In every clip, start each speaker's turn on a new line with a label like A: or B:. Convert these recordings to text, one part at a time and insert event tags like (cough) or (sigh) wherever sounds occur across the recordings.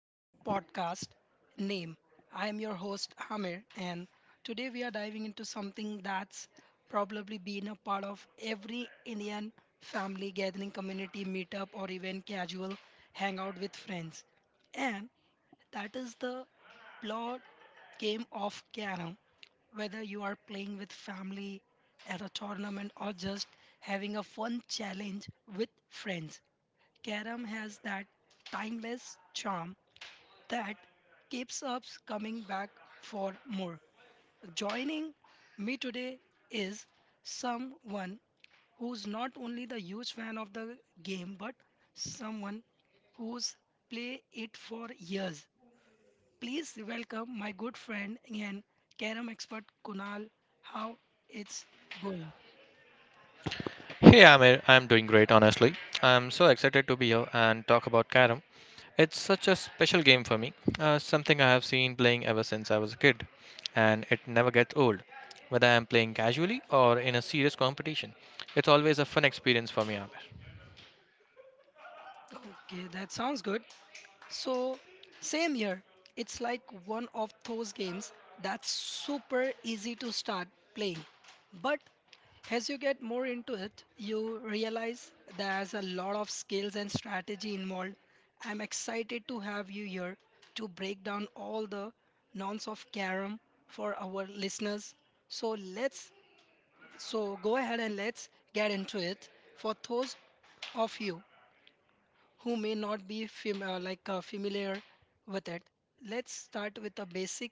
A: of podcast Name. I am your host Amir and today we are diving into something that's probably been a part of every Indian family gathering, community meetup or even casual hangout with friends. And that is the blood game of carom. Whether you are playing with family at a tournament or just having a fun challenge with friends Karam has that timeless charm that keeps us coming back for more. Joining me today is someone who's not only the huge fan of the game but someone who's played it for years. Please welcome my good friend and Karam expert Kunal. How it's going?
B: Hey Amir, I'm doing great honestly. I'm so excited to be here and talk about Karam. It's such a special game for me, something I have seen playing ever since I was a kid, and it never gets old. Whether I'm playing casually or in a serious competition, it's always a fun experience for me, Amir.
A: Okay, that sounds good. So, same here. It's like one of those games that's super easy to start playing. But as you get more into it, you realize there's a lot of skills and strategy involved. I'm excited to have you here to break down all the nonce of Karam for our listeners. So let's go ahead and let's get into it for those of you who may not be familiar with it. Let's start with the basic.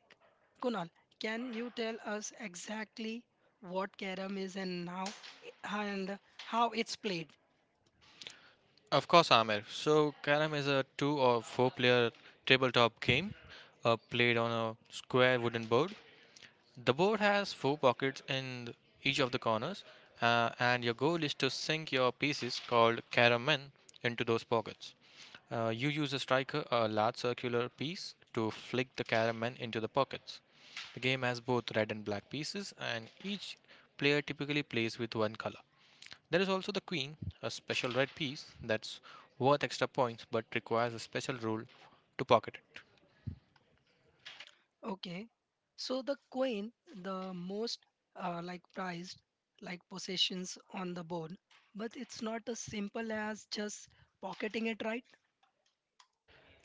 A: Kunal, can you tell us exactly what carom is and how it's played?
B: Of course, Amir. So, Karam is a two or four player tabletop game played on a square wooden board. The board has four pockets in each of the corners, and your goal is to sink your pieces called caramen into those pockets. You use a striker, a large circular piece, to flick the caramen into the pockets. The game has both red and black pieces, and each player typically plays with one color. There is also the queen, a special red piece that's worth extra points but requires a special rule to pocket.
A: Okay. So the queen, the most prized like possessions on the board, but it's not as simple as just pocketing it right.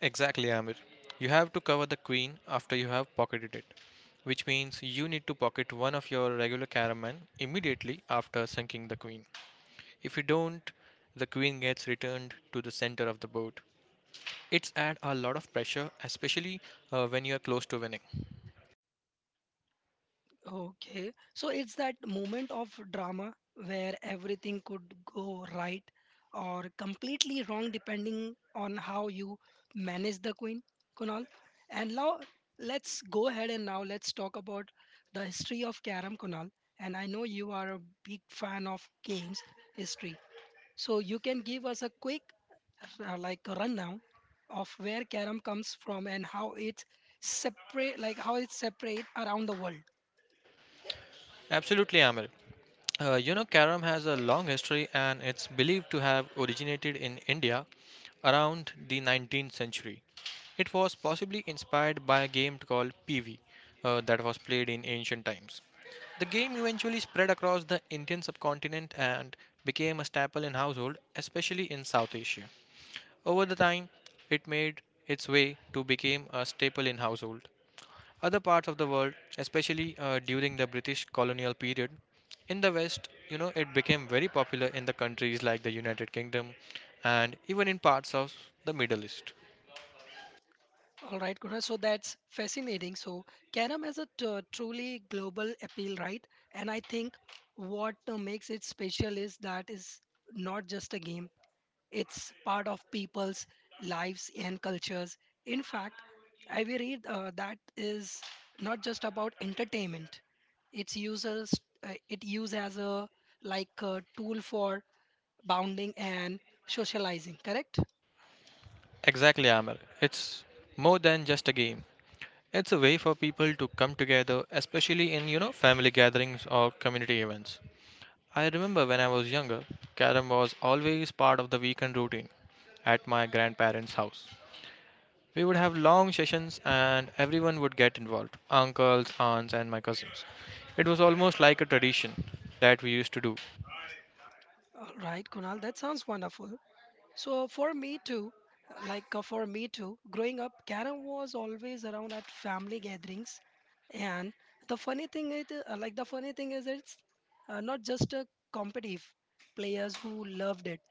B: Exactly, Amir. You have to cover the queen after you have pocketed it, which means you need to pocket one of your regular caraman immediately after sinking the queen. If you don't, the queen gets returned to the center of the board. It's add a lot of pressure, especially when you are close to winning.
A: Okay. So it's that moment of drama where everything could go right or completely wrong depending on how you manage the queen, Kunal. And now let's talk about the history of Karam, Kunal. And I know you are a big fan of games history. So you can give us a quick rundown of where Karam comes from and how it's separate around the world.
B: Absolutely, Amir. Carom has a long history and it's believed to have originated in India around the 19th century. It was possibly inspired by a game called PV that was played in ancient times. The game eventually spread across the Indian subcontinent and became a staple in household, especially in South Asia. Over the time, it made its way to become a staple in household, other parts of the world, especially during the British colonial period. In the West, it became very popular in the countries like the United Kingdom and even in parts of the Middle East.
A: All right, Kunal. So that's fascinating. So Karam has a truly global appeal, right? And I think what makes it special is that is not just a game. It's part of people's lives and cultures. In fact, I will read that is not just about entertainment. It's users. It used as a like a tool for bounding and socializing. Correct?
B: Exactly, Amir. It's more than just a game. It's a way for people to come together, especially in, family gatherings or community events. I remember when I was younger, carom was always part of the weekend routine at my grandparents' house. We would have long sessions and everyone would get involved uncles, aunts, and my cousins. It was almost like a tradition that we used to do.
A: All right, Kunal. That sounds wonderful. So for me too, growing up, carom was always around at family gatherings, and the funny thing is it's not just a competitive players who loved it.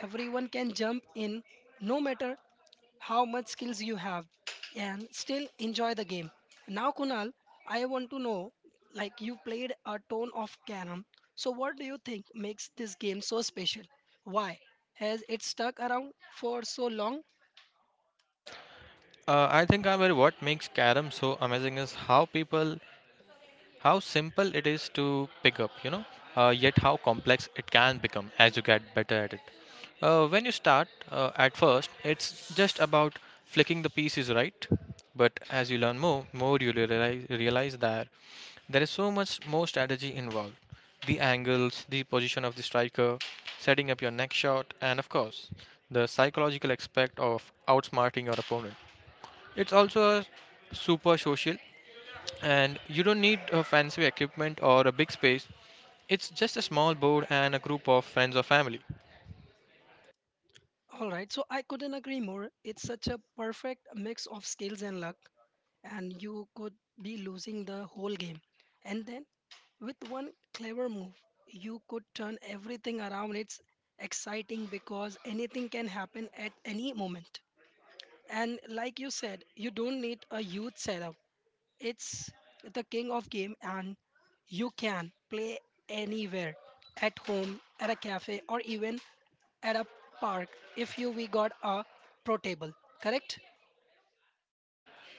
A: Everyone can jump in, no matter how much skills you have and still enjoy the game. Now, Kunal, I want to know like you played a ton of carom. So, what do you think makes this game so special? Why has it stuck around for so long?
B: I think, Amir, what makes carom so amazing is how simple it is to pick up, yet how complex it can become as you get better at it. When you start, at first, it's just about flicking the pieces right. But as you learn more, you realize that there is so much more strategy involved the angles, the position of the striker, setting up your next shot, and of course, the psychological aspect of outsmarting your opponent. It's also a super social, and you don't need a fancy equipment or a big space. It's just a small board and a group of friends or family.
A: All right, so I couldn't agree more. It's such a perfect mix of skills and luck. And you could be losing the whole game. And then, with one clever move, you could turn everything around. It's exciting because anything can happen at any moment. And like you said, you don't need a huge setup. It's the king of game, and you can play anywhere at home, at a cafe, or even at a park if you we got a pro table. Correct?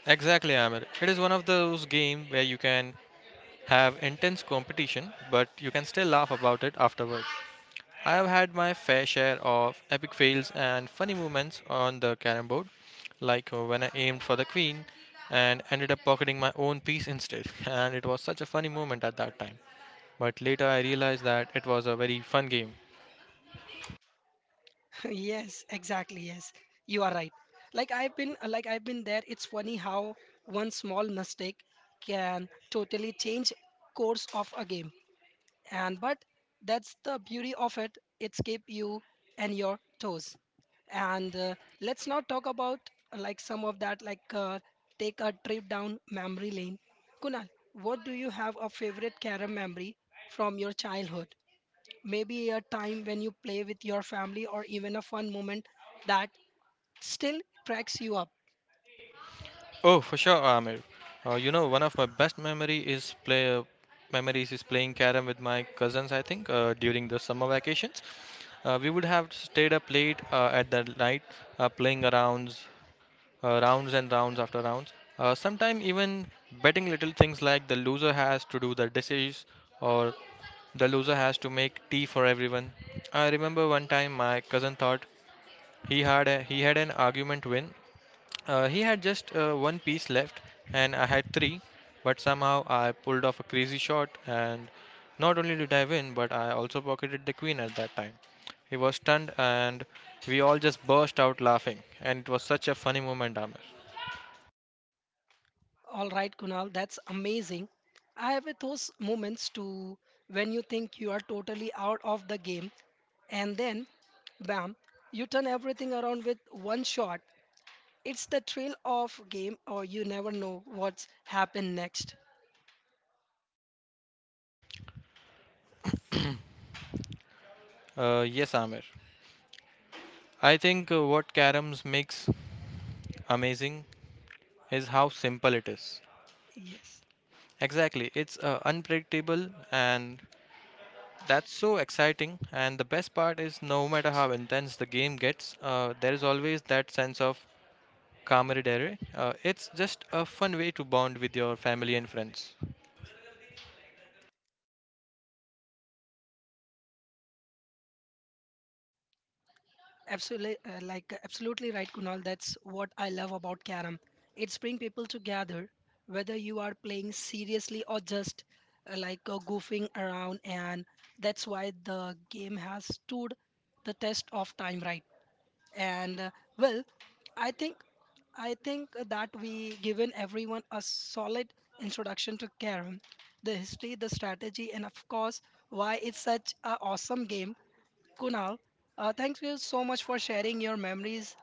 B: Exactly, Amir. It is one of those games where you can have intense competition, but you can still laugh about it afterward. I have had my fair share of epic fails and funny moments on the carom board, like when I aimed for the queen and ended up pocketing my own piece instead, (laughs) and it was such a funny moment at that time. But later I realized that it was a very fun game.
A: (laughs) Yes, exactly, yes, you are right, like I've been there. It's funny how one small mistake can totally change course of a game and but that's the beauty of it. It's keep you and your toes. And let's now talk about like some of that like take a trip down memory lane, Kunal. What do you have a favorite carom memory from your childhood, maybe a time when you play with your family or even a fun moment that still cracks you up.
B: Oh, for sure, Amir. One of my best memory is play memories is playing carom with my cousins. I think during the summer vacations, we would have stayed up late at the night playing around rounds and rounds after rounds. Sometimes even betting little things like the loser has to do the dishes or the loser has to make tea for everyone. I remember one time my cousin thought he had an argument win. He had just one piece left and I had three, but somehow I pulled off a crazy shot and not only did I win, but I also pocketed the queen at that time. He was stunned and we all just burst out laughing, and it was such a funny moment, Amir.
A: All right, Kunal, that's amazing. I have those moments too. When you think you are totally out of the game and then bam, you turn everything around with one shot. It's the thrill of game or you never know what's happened next.
B: Yes, Amir. I think what Carams makes amazing is how simple it is.
A: Yes.
B: Exactly, it's unpredictable, and that's so exciting. And the best part is, no matter how intense the game gets, there is always that sense of camaraderie. It's just a fun way to bond with your family and friends.
A: Absolutely, absolutely right, Kunal. That's what I love about Karam. It's bring people together, whether you are playing seriously or just goofing around, and that's why the game has stood the test of time, right? And well, I think I think that we given everyone a solid introduction to Karam, the history, the strategy, and of course why it's such a awesome game. Kunal, thank you so much for sharing your memories.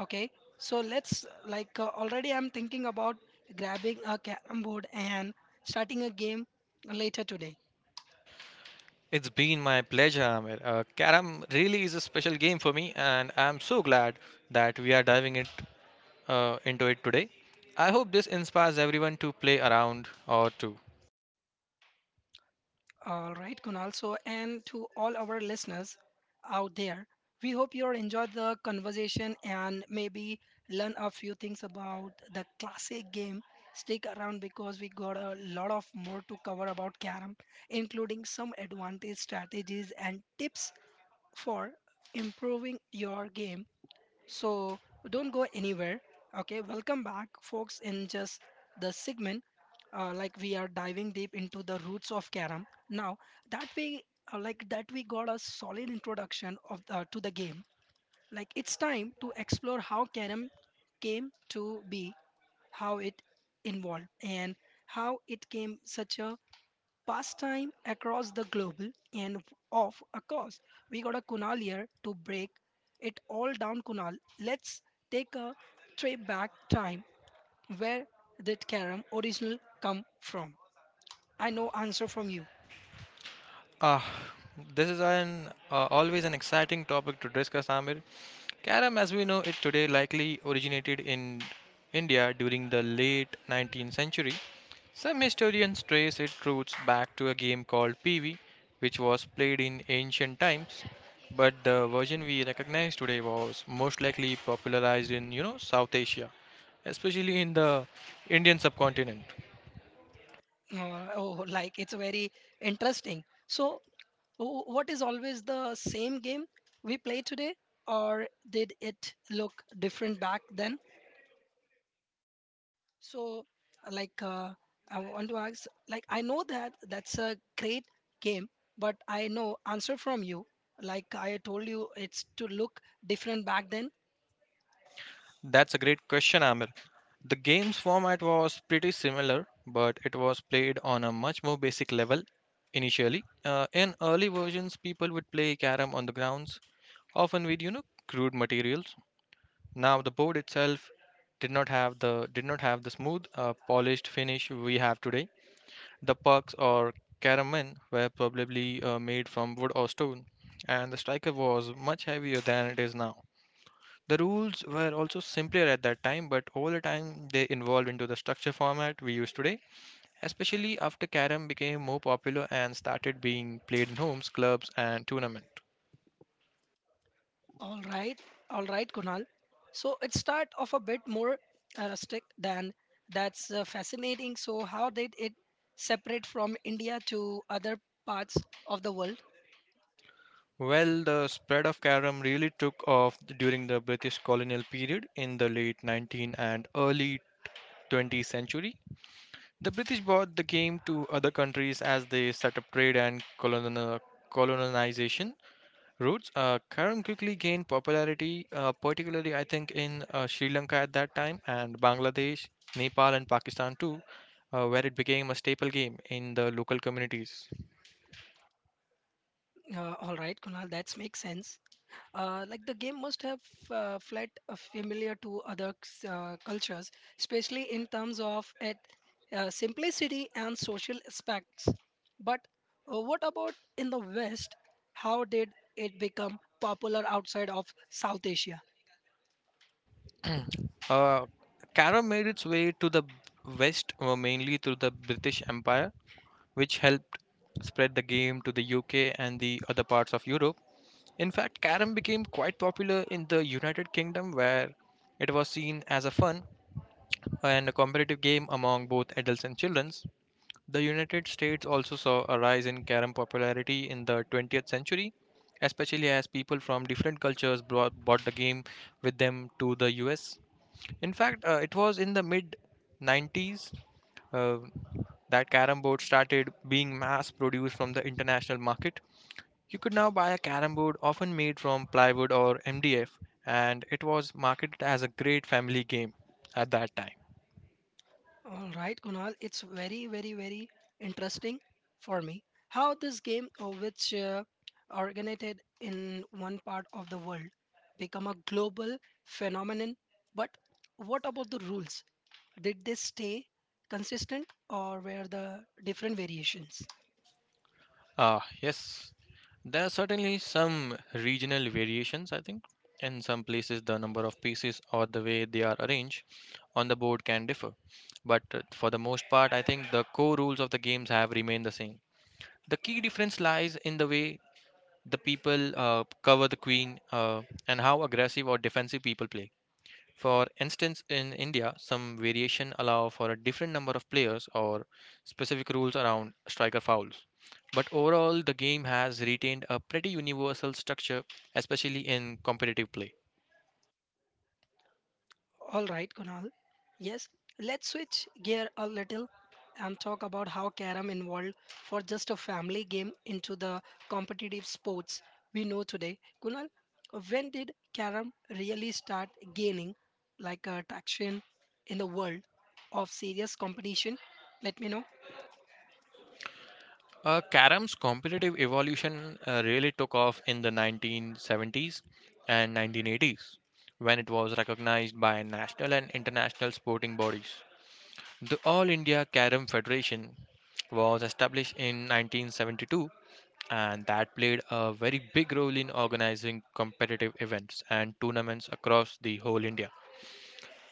A: Okay, so let's like already I'm thinking about grabbing a carom board and starting a game later today.
B: It's been my pleasure, Amir. Carom really is a special game for me, and I'm so glad that we are diving it into it today. I hope this inspires everyone to play around or to
A: All right, Kunal. So, and to all our listeners out there, we hope you enjoyed the conversation and maybe learn a few things about the classic game. Stick around because we got a lot of more to cover about carom, including some advantage strategies and tips for improving your game. So don't go anywhere. Okay, welcome back, folks, in just the segment. We are diving deep into the roots of Karam. Now that we that we got a solid introduction of to the game. Like it's time to explore how Karam came to be, how it involved, and how it came such a pastime across the global. And of a course we got a Kunal here to break it all down. Kunal, let's take a trip back time. Where did carom original come from? I know answer from you.
B: Ah, this is an always an exciting topic to discuss, Amir. Karam, as we know it today, likely originated in India during the late 19th century. Some historians trace its roots back to a game called PV, which was played in ancient times, but the version we recognize today was most likely popularized in, South Asia, especially in the Indian subcontinent.
A: It's very interesting. So what is always the same game we play today or did it look different back then? So, like, uh, I want to ask, like, I know that that's a great game, but I know answer from you. Like I told you, it's to look different back then.
B: That's a great question, Amir. The game's format was pretty similar, but it was played on a much more basic level initially. In early versions, people would play carom on the grounds, often with crude materials. Now the board itself did not have the smooth, polished finish we have today. The pucks or carom men were probably made from wood or stone, and the striker was much heavier than it is now. The rules were also simpler at that time, but over the time they evolved into the structure format we use today, especially after carom became more popular and started being played in homes, clubs, and tournament.
A: All right, all right, Kunal. So it start off a bit more rustic than that's fascinating. So how did it separate from India to other parts of the world?
B: Well, the spread of carom really took off during the British colonial period in the late 19th and early 20th century. The British brought the game to other countries as they set up trade and colonial colonization roots. Karam quickly gained popularity, particularly I think in Sri Lanka at that time and Bangladesh, Nepal, and Pakistan too, where it became a staple game in the local communities.
A: All right, Kunal, that makes sense. The game must have felt familiar to other cultures, especially in terms of its simplicity and social aspects. But what about in the West? How did it become popular outside of South Asia?
B: Uh, Karam made its way to the West mainly through the British Empire, which helped spread the game to the UK and the other parts of Europe. In fact, Karam became quite popular in the United Kingdom, where it was seen as a fun and a competitive game among both adults and children. The United States also saw a rise in carom popularity in the 20th century, especially as people from different cultures brought the game with them to the US. In fact, it was in the mid 90s uh, that carom board started being mass produced from the international market. You could now buy a carom board often made from plywood or MDF, and it was marketed as a great family game at that time.
A: All right, Kunal, it's very interesting for me how this game, which originated in one part of the world, become a global phenomenon. But what about the rules? Did they stay consistent, or were the different variations?
B: Ah, yes. There are certainly some regional variations, I think. In some places, the number of pieces or the way they are arranged on the board can differ. But for the most part, I think the core rules of the games have remained the same. The key difference lies in the way the people cover the queen and how aggressive or defensive people play. For instance, in India, some variation allow for a different number of players or specific rules around striker fouls. But overall, the game has retained a pretty universal structure, especially in competitive play.
A: All right, Kunal. Yes, let's switch gear a little and talk about how carom evolved for just a family game into the competitive sports we know today. Kunal, when did carom really start gaining like a traction in the world of serious competition? Let me know.
B: Carom's competitive evolution really took off in the 1970s and 1980s when it was recognized by national and international sporting bodies. The All India Carom Federation was established in 1972, and that played a very big role in organizing competitive events and tournaments across the whole India.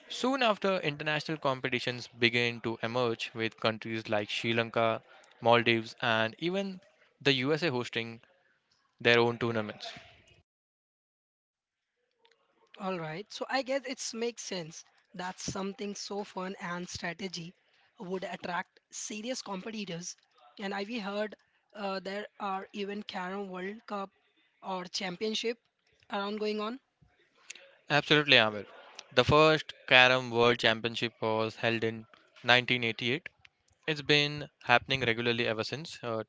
B: Soon after, international competitions began to emerge with countries like Sri Lanka, Maldives, and even the USA hosting their own tournaments.
A: All right, so I guess it makes sense that something so fun and strategy would attract serious competitors. And I we heard there are even Carom World Cup or Championship around going on.
B: Absolutely, Amir. The first Carom World Championship was held in 1988. It's been happening regularly ever since.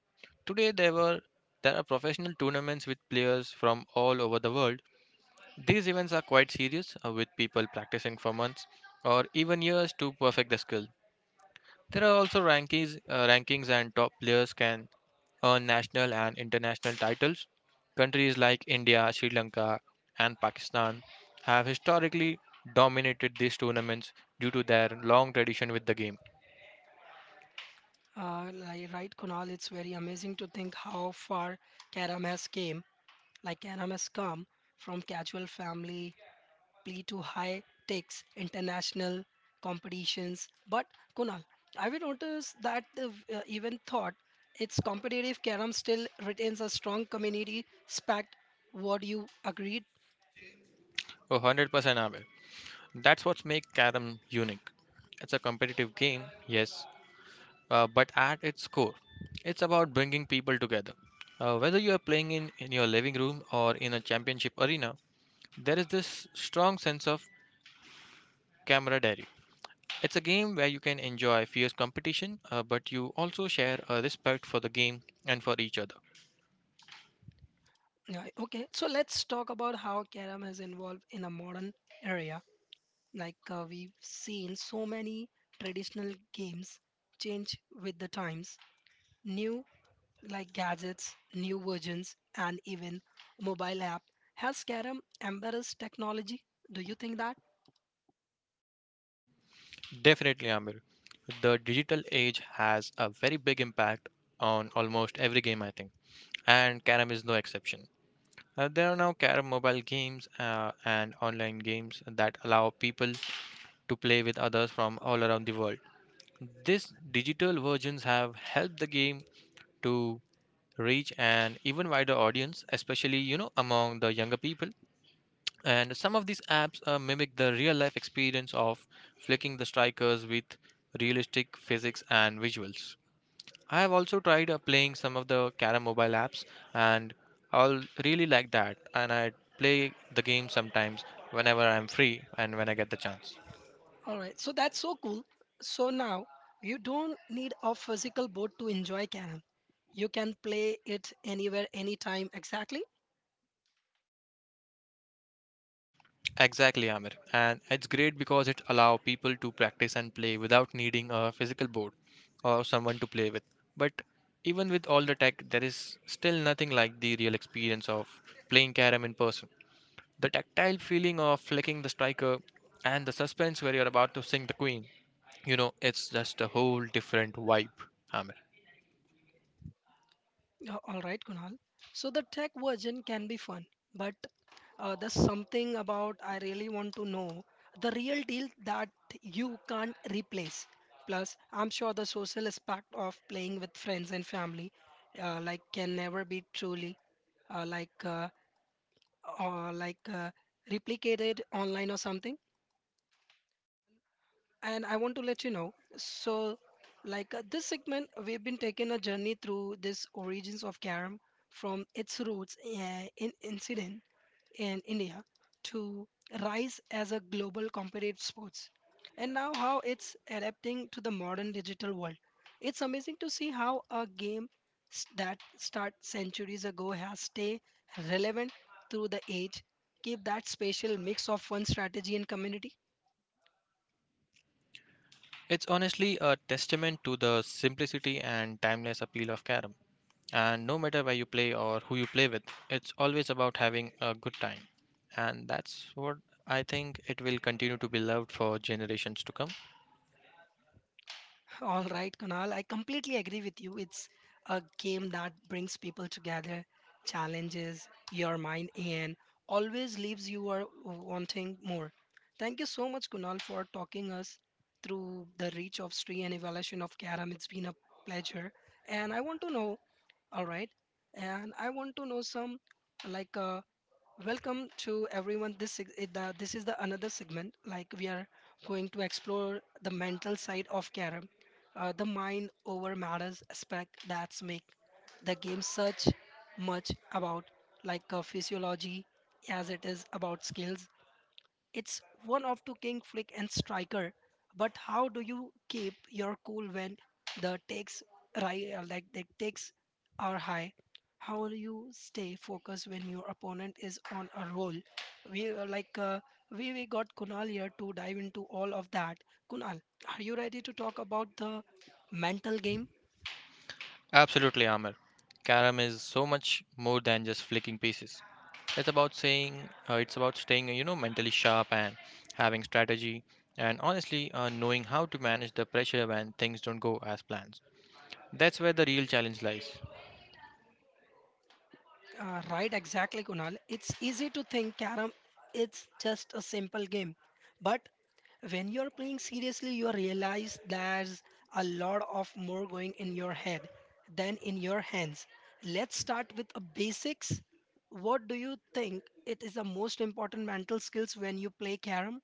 B: Today, there are professional tournaments with players from all over the world. These events are quite serious, with people practicing for months or even years to perfect the skill. There are also rankings and top players can earn national and international titles. Countries like India, Sri Lanka, and Pakistan have historically dominated these tournaments due to their long tradition with the game.
A: Right, Kunal, it's very amazing to think how far Carom has came. Like Carom has come from casual family plea to high stakes international competitions. But Kunal, have you noticed that the even thought its competitive carom still retains a strong community aspect? What you agreed?
B: Oh, 100% Amir. That's what makes Karam unique. It's a competitive game, yes, but at its core, it's about bringing people together. Whether you are playing in your living room or in a championship arena, there is this strong sense of Camaraderie. It's a game where you can enjoy fierce competition, but you also share a respect for the game and for each other.
A: Yeah, okay, so let's talk about how carom has evolved in a modern area. We've seen so many traditional games change with the times. New like gadgets, new versions, and even mobile app. Has Karam embarrassed technology? Do you think that?
B: Definitely, Amir. The digital age has a very big impact on almost every game, I think, and Carom is no exception. There are now Carom mobile games and online games that allow people to play with others from all around the world. These digital versions have helped the game to reach an even wider audience, especially you know among the younger people, and some of these apps mimic the real life experience of flicking the strikers with realistic physics and visuals. I have also tried playing some of the carom mobile apps, and I'll really like that, and I play the game sometimes whenever I'm free and when I get the chance.
A: All right, so that's so cool. So now you don't need a physical board to enjoy Karam. You can play it anywhere, anytime, exactly.
B: Exactly, Amir. And it's great because it allows people to practice and play without needing a physical board or someone to play with. But even with all the tech, there is still nothing like the real experience of playing carom in person. The tactile feeling of flicking the striker and the suspense where you're about to sink the queen. You know, it's just a whole different vibe, Amir.
A: All right, Kunal. So the tech version can be fun, but there's something about I really want to know the real deal that you can't replace. Plus, I'm sure the social aspect of playing with friends and family, can never be truly like or like replicated online or something. And I want to let you know. So, this segment, we've been taking a journey through this origins of Karam from its roots in incident in India to rise as a global competitive sports, and now how it's adapting to the modern digital world. It's amazing to see how a game that start centuries ago has stay relevant through the age. Keep that special mix of fun strategy and community.
B: It's honestly a testament to the simplicity and timeless appeal of carom. And no matter where you play or who you play with, it's always about having a good time. And that's what I think it will continue to be loved for generations to come.
A: All right, Kunal, I completely agree with you. It's a game that brings people together, challenges your mind, and always leaves you are wanting more. Thank you so much, Kunal, for talking us through the reach of Sri and evaluation of Karam. It's been a pleasure. And I want to know, all right, and I want to know some like uh, Welcome to everyone. This is this is the another segment. Like we are going to explore the mental side of carom, the mind over matters aspect that's make the game such much about physiology as it is about skills it's one of two king flick and striker. But how do you keep your cool when the takes the takes are high? How do you stay focused when your opponent is on a roll? We like we got Kunal here to dive into all of that. Kunal, are you ready to talk about the mental game?
B: Absolutely, Amir. Karam is so much more than just flicking pieces. It's about saying, it's about staying, you know, mentally sharp and having strategy, and honestly, knowing how to manage the pressure when things don't go as planned. That's where the real challenge lies.
A: Right, exactly, Kunal. It's easy to think Karam it's just a simple game. But when you're playing seriously, you realize there's a lot of more going in your head than in your hands. Let's start with the basics. What do you think it is the most important mental skills when you play Karam?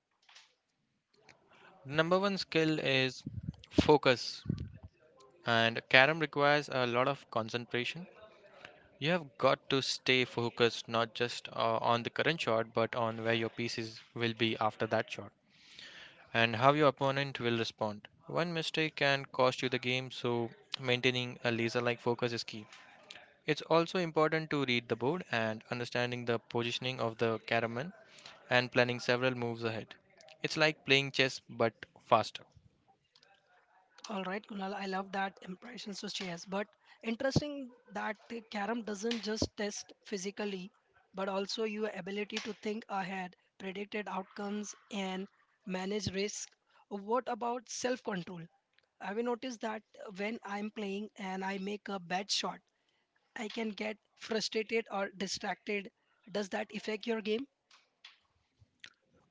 B: Number one skill is focus, and Karam requires a lot of concentration. You have got to stay focused not just on the current shot, but on where your pieces will be after that shot and how your opponent will respond. One mistake can cost you the game, so maintaining a laser like focus is key. It's also important to read the board and understanding the positioning of the caraman and planning several moves ahead. It's like playing chess but faster.
A: All right, Kunal, I love that impressions to chess. But interesting that the carom doesn't just test physically, but also your ability to think ahead, predicted outcomes, and manage risk. What about self-control? I've noticed that when I'm playing and I make a bad shot, I can get frustrated or distracted. Does that affect your game?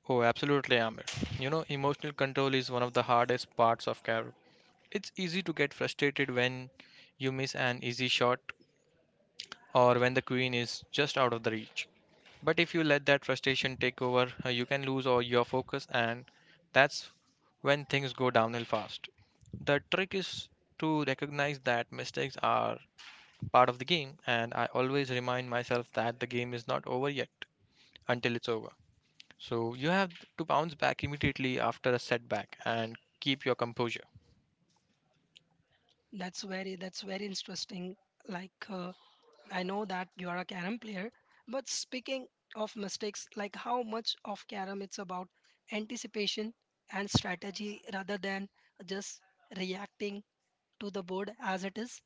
B: Oh, absolutely, Amir. You know, emotional control is one of the hardest parts of Carrom. It's easy to get frustrated when you miss an easy shot or when the queen is just out of the reach. But if you let that frustration take over, you can lose all your focus, and that's when things go downhill fast. The trick is to recognize that mistakes are part of the game, and I always remind myself that the game is not over yet until it's over. So you have to bounce back immediately after a setback and keep your composure.
A: That's very interesting. Like uh, I know that you are a carom player, but speaking of mistakes, like how much of carom it's about anticipation and strategy rather than just reacting to the board as it is.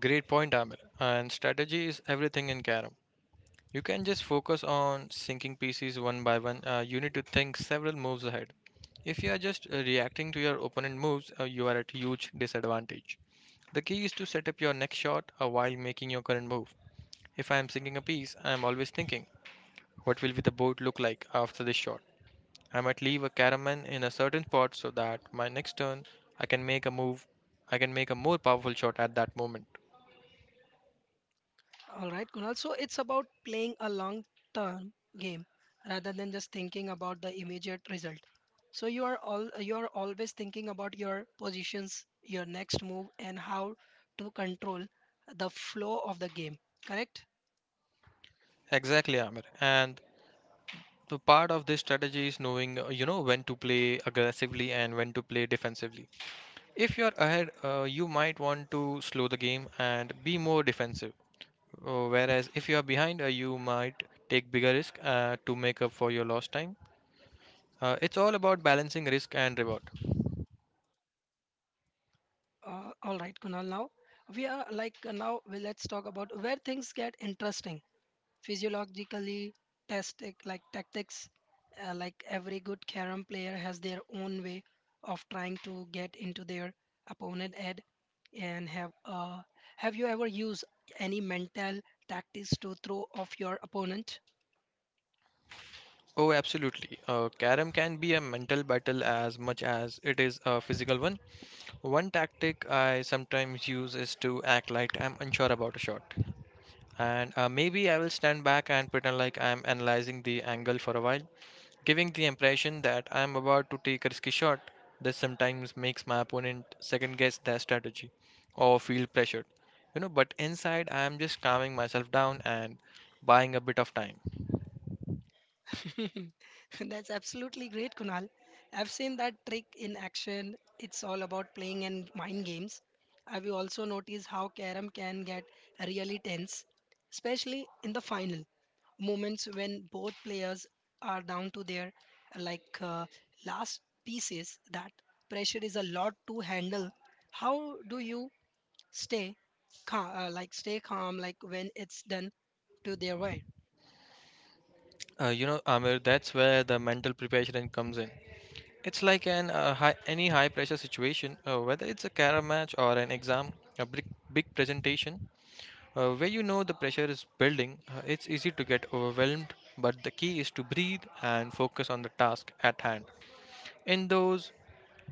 B: Great point, Amir. And strategy is everything in Carom. You can just focus on sinking pieces one by one. You need to think several moves ahead. If you are just reacting to your opponent moves, you are at huge disadvantage. The key is to set up your next shot while making your current move. If I am sinking a piece, I am always thinking, what will be the board look like after this shot? I might leave a caraman in a certain spot so that my next turn I can make a move, I can make a more powerful shot at that moment.
A: All right, Kunal. So it's about playing a long term game rather than just thinking about the immediate result. So you are always thinking about your positions, your next move, and how to control the flow of the game. Correct?
B: Exactly, Amir. And so part of this strategy is knowing, you know, when to play aggressively and when to play defensively. If you're ahead, you might want to slow the game and be more defensive. Whereas if you are behind, you might take bigger risk to make up for your lost time. It's all about balancing risk and reward.
A: All right, Kunal. Now we are like now we let's talk about where things get interesting physiologically test it like tactics like every good carom player has their own way of trying to get into their opponent head and have you ever used any mental tactics to throw off your opponent
B: Oh, absolutely. Karam can be a mental battle as much as it is a physical one. One tactic I sometimes use is to act like I'm unsure about a shot. And maybe I will stand back and pretend like I'm analyzing the angle for a while, giving the impression that I'm about to take a risky shot. This sometimes makes my opponent second guess their strategy or feel pressured. You know, but inside I'm just calming myself down and buying a bit of time.
A: (laughs) That's absolutely great, Kunal. I've seen that trick in action. It's all about playing and mind games. Have you also noticed how Karam can get really tense, especially in the final moments when both players are down to their like uh, last pieces? That pressure is a lot to handle. How do you stay calm, like when it's done to their way?
B: You know, Amir, that's where the mental preparation comes in. It's like any high pressure situation, whether it's a carom match or an exam, a big, big presentation. Where you know the pressure is building, it's easy to get overwhelmed, but the key is to breathe and focus on the task at hand. In those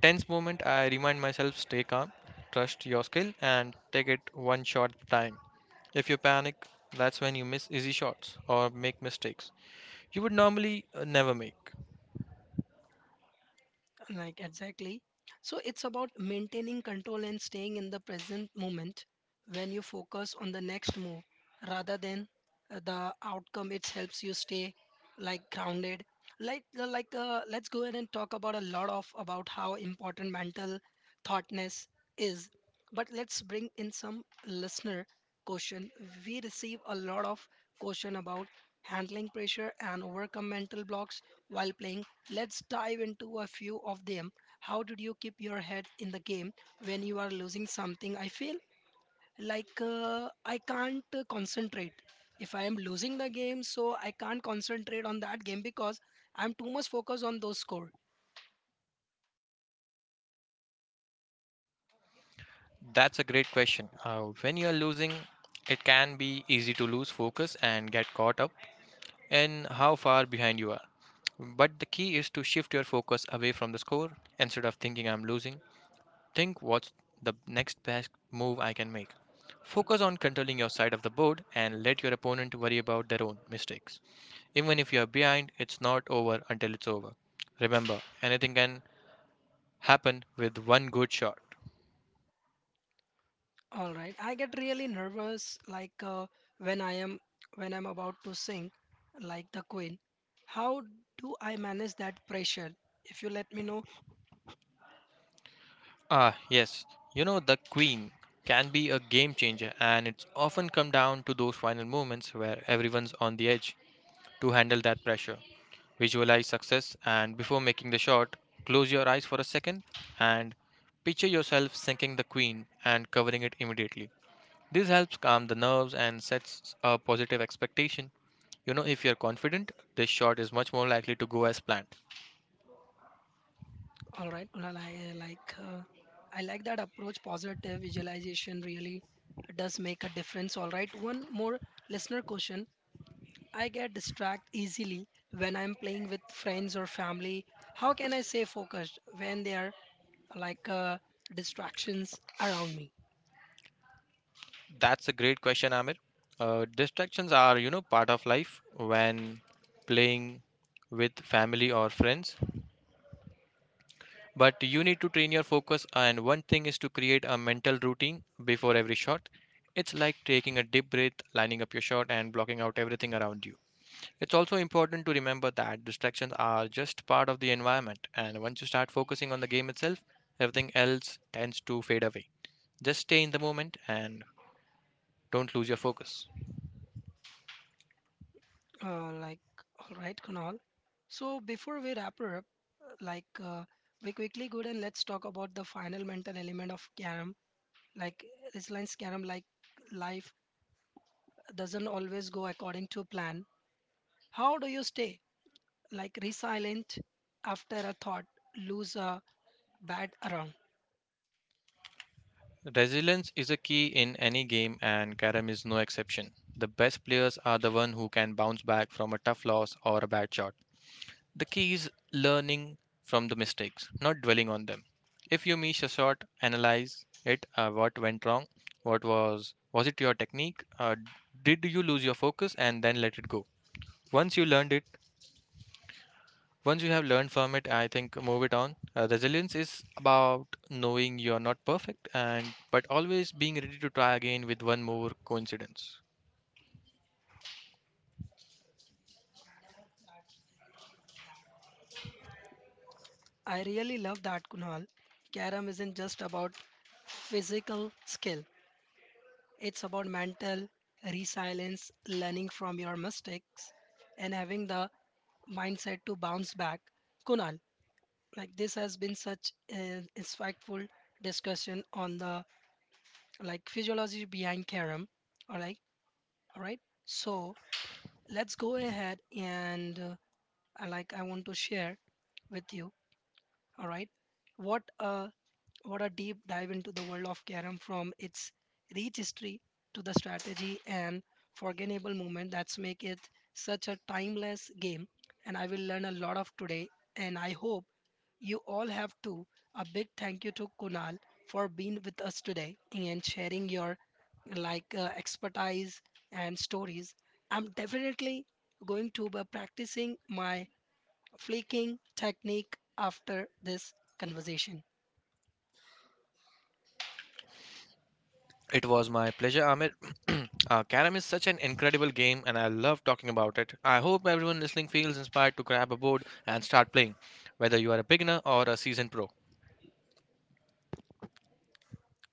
B: tense moments, I remind myself stay calm, trust your skill, and take it one shot at a time. If you panic, that's when you miss easy shots or make mistakes you would normally never make.
A: Like, exactly. So it's about maintaining control and staying in the present moment when you focus on the next move rather than the outcome. It helps you stay like grounded. Let's go ahead and talk about a lot of about how important mental thoughtness is. But let's bring in some listener question. We receive a lot of question about handling pressure and overcome mental blocks while playing Let's dive into a few of them. How did you keep your head in the game when you are losing something? I feel I can't concentrate. If I am losing the game, so I can't concentrate on that game because I'm too much focused on those score.
B: That's a great question. When you are losing, it can be easy to lose focus and get caught up and how far behind you are. But the key is to shift your focus away from the score, instead of thinking I'm losing. Think what's the next best move I can make. Focus on controlling your side of the board and let your opponent worry about their own mistakes. Even if you are behind, it's not over until it's over. Remember, anything can happen with one good shot.
A: All right, I get really nervous when I am when I'm about to sing like the queen. How do I manage that pressure? If you let me know
B: Ah, yes, you know, the queen can be a game changer, and it's often come down to those final moments where everyone's on the edge. To handle that pressure. Visualize success, and before making the shot, close your eyes for a second and picture yourself sinking the queen and covering it immediately. This helps calm the nerves and sets a positive expectation. You know, if you're confident, this shot is much more likely to go as planned.
A: All right, Kunal, I like that approach. Positive visualization really does make a difference. All right, one more listener question. I get distracted easily when I'm playing with friends or family. How can I stay focused when there are like uh, distractions around me?
B: That's a great question, Amir. Distractions are, you know, part of life when playing with family or friends. But you need to train your focus, and one thing is to create a mental routine before every shot. It's like taking a deep breath, lining up your shot, and blocking out everything around you. It's also important to remember that distractions are just part of the environment, and once you start focusing on the game itself, everything else tends to fade away. Just stay in the moment and don't lose your focus.
A: Uh, like, all right, Kunal. So before we wrap her up, like uh, we quickly go and let's talk about the final mental element of Karam, like Resilience Karam, like life doesn't always go according to plan, how do you stay like resilient after a thought lose a bad round?
B: Resilience is a key in any game, and Karam is no exception. The best players are the one who can bounce back from a tough loss or a bad shot. The key is learning from the mistakes, not dwelling on them. If you miss a shot, analyze it. What went wrong? What was it your technique? Did you lose your focus and then let it go? Once you learned it, once you have learned from it, I think move it on. Resilience is about knowing you are not perfect and but always being ready to try again with one more coincidence.
A: I really love that Kunal. Karam isn't just about physical skill. It's about mental resilience, learning from your mistakes and having the mindset to bounce back. Kunal, like this has been such an insightful discussion on the like physiology behind Karam. All right, all right. So let's go ahead and I like I want to share with you. All right, what a what a deep dive into the world of Karam from its rich history to the strategy and forgettable moment that's make it such a timeless game. And I will learn a lot of today. And I hope you all have to. A big thank you to Kunal for being with us today and sharing your expertise and stories. I'm definitely going to be practicing my flicking technique after this conversation.
B: It was my pleasure, Amir. (clears throat) Carrom is such an incredible game, and I love talking about it. I hope everyone listening feels inspired to grab a board and start playing, whether you are a beginner or a seasoned pro.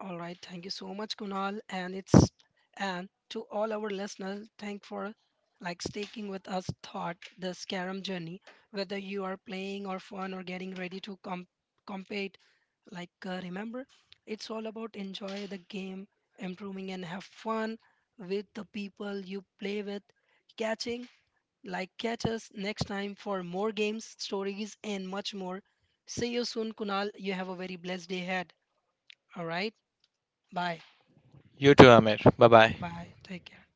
A: All right, thank you so much, Kunal, and it's and to all our listeners, thank for like sticking with us thought the scarum journey whether you are playing or fun or getting ready to compete Like, remember, it's all about enjoy the game, improving, and have fun with the people you play with. Catching, catch us next time for more games, stories, and much more. See you soon, Kunal. You have a very blessed day ahead. All right. Bye.
B: You too, Amir. Bye bye.
A: Bye. Take care.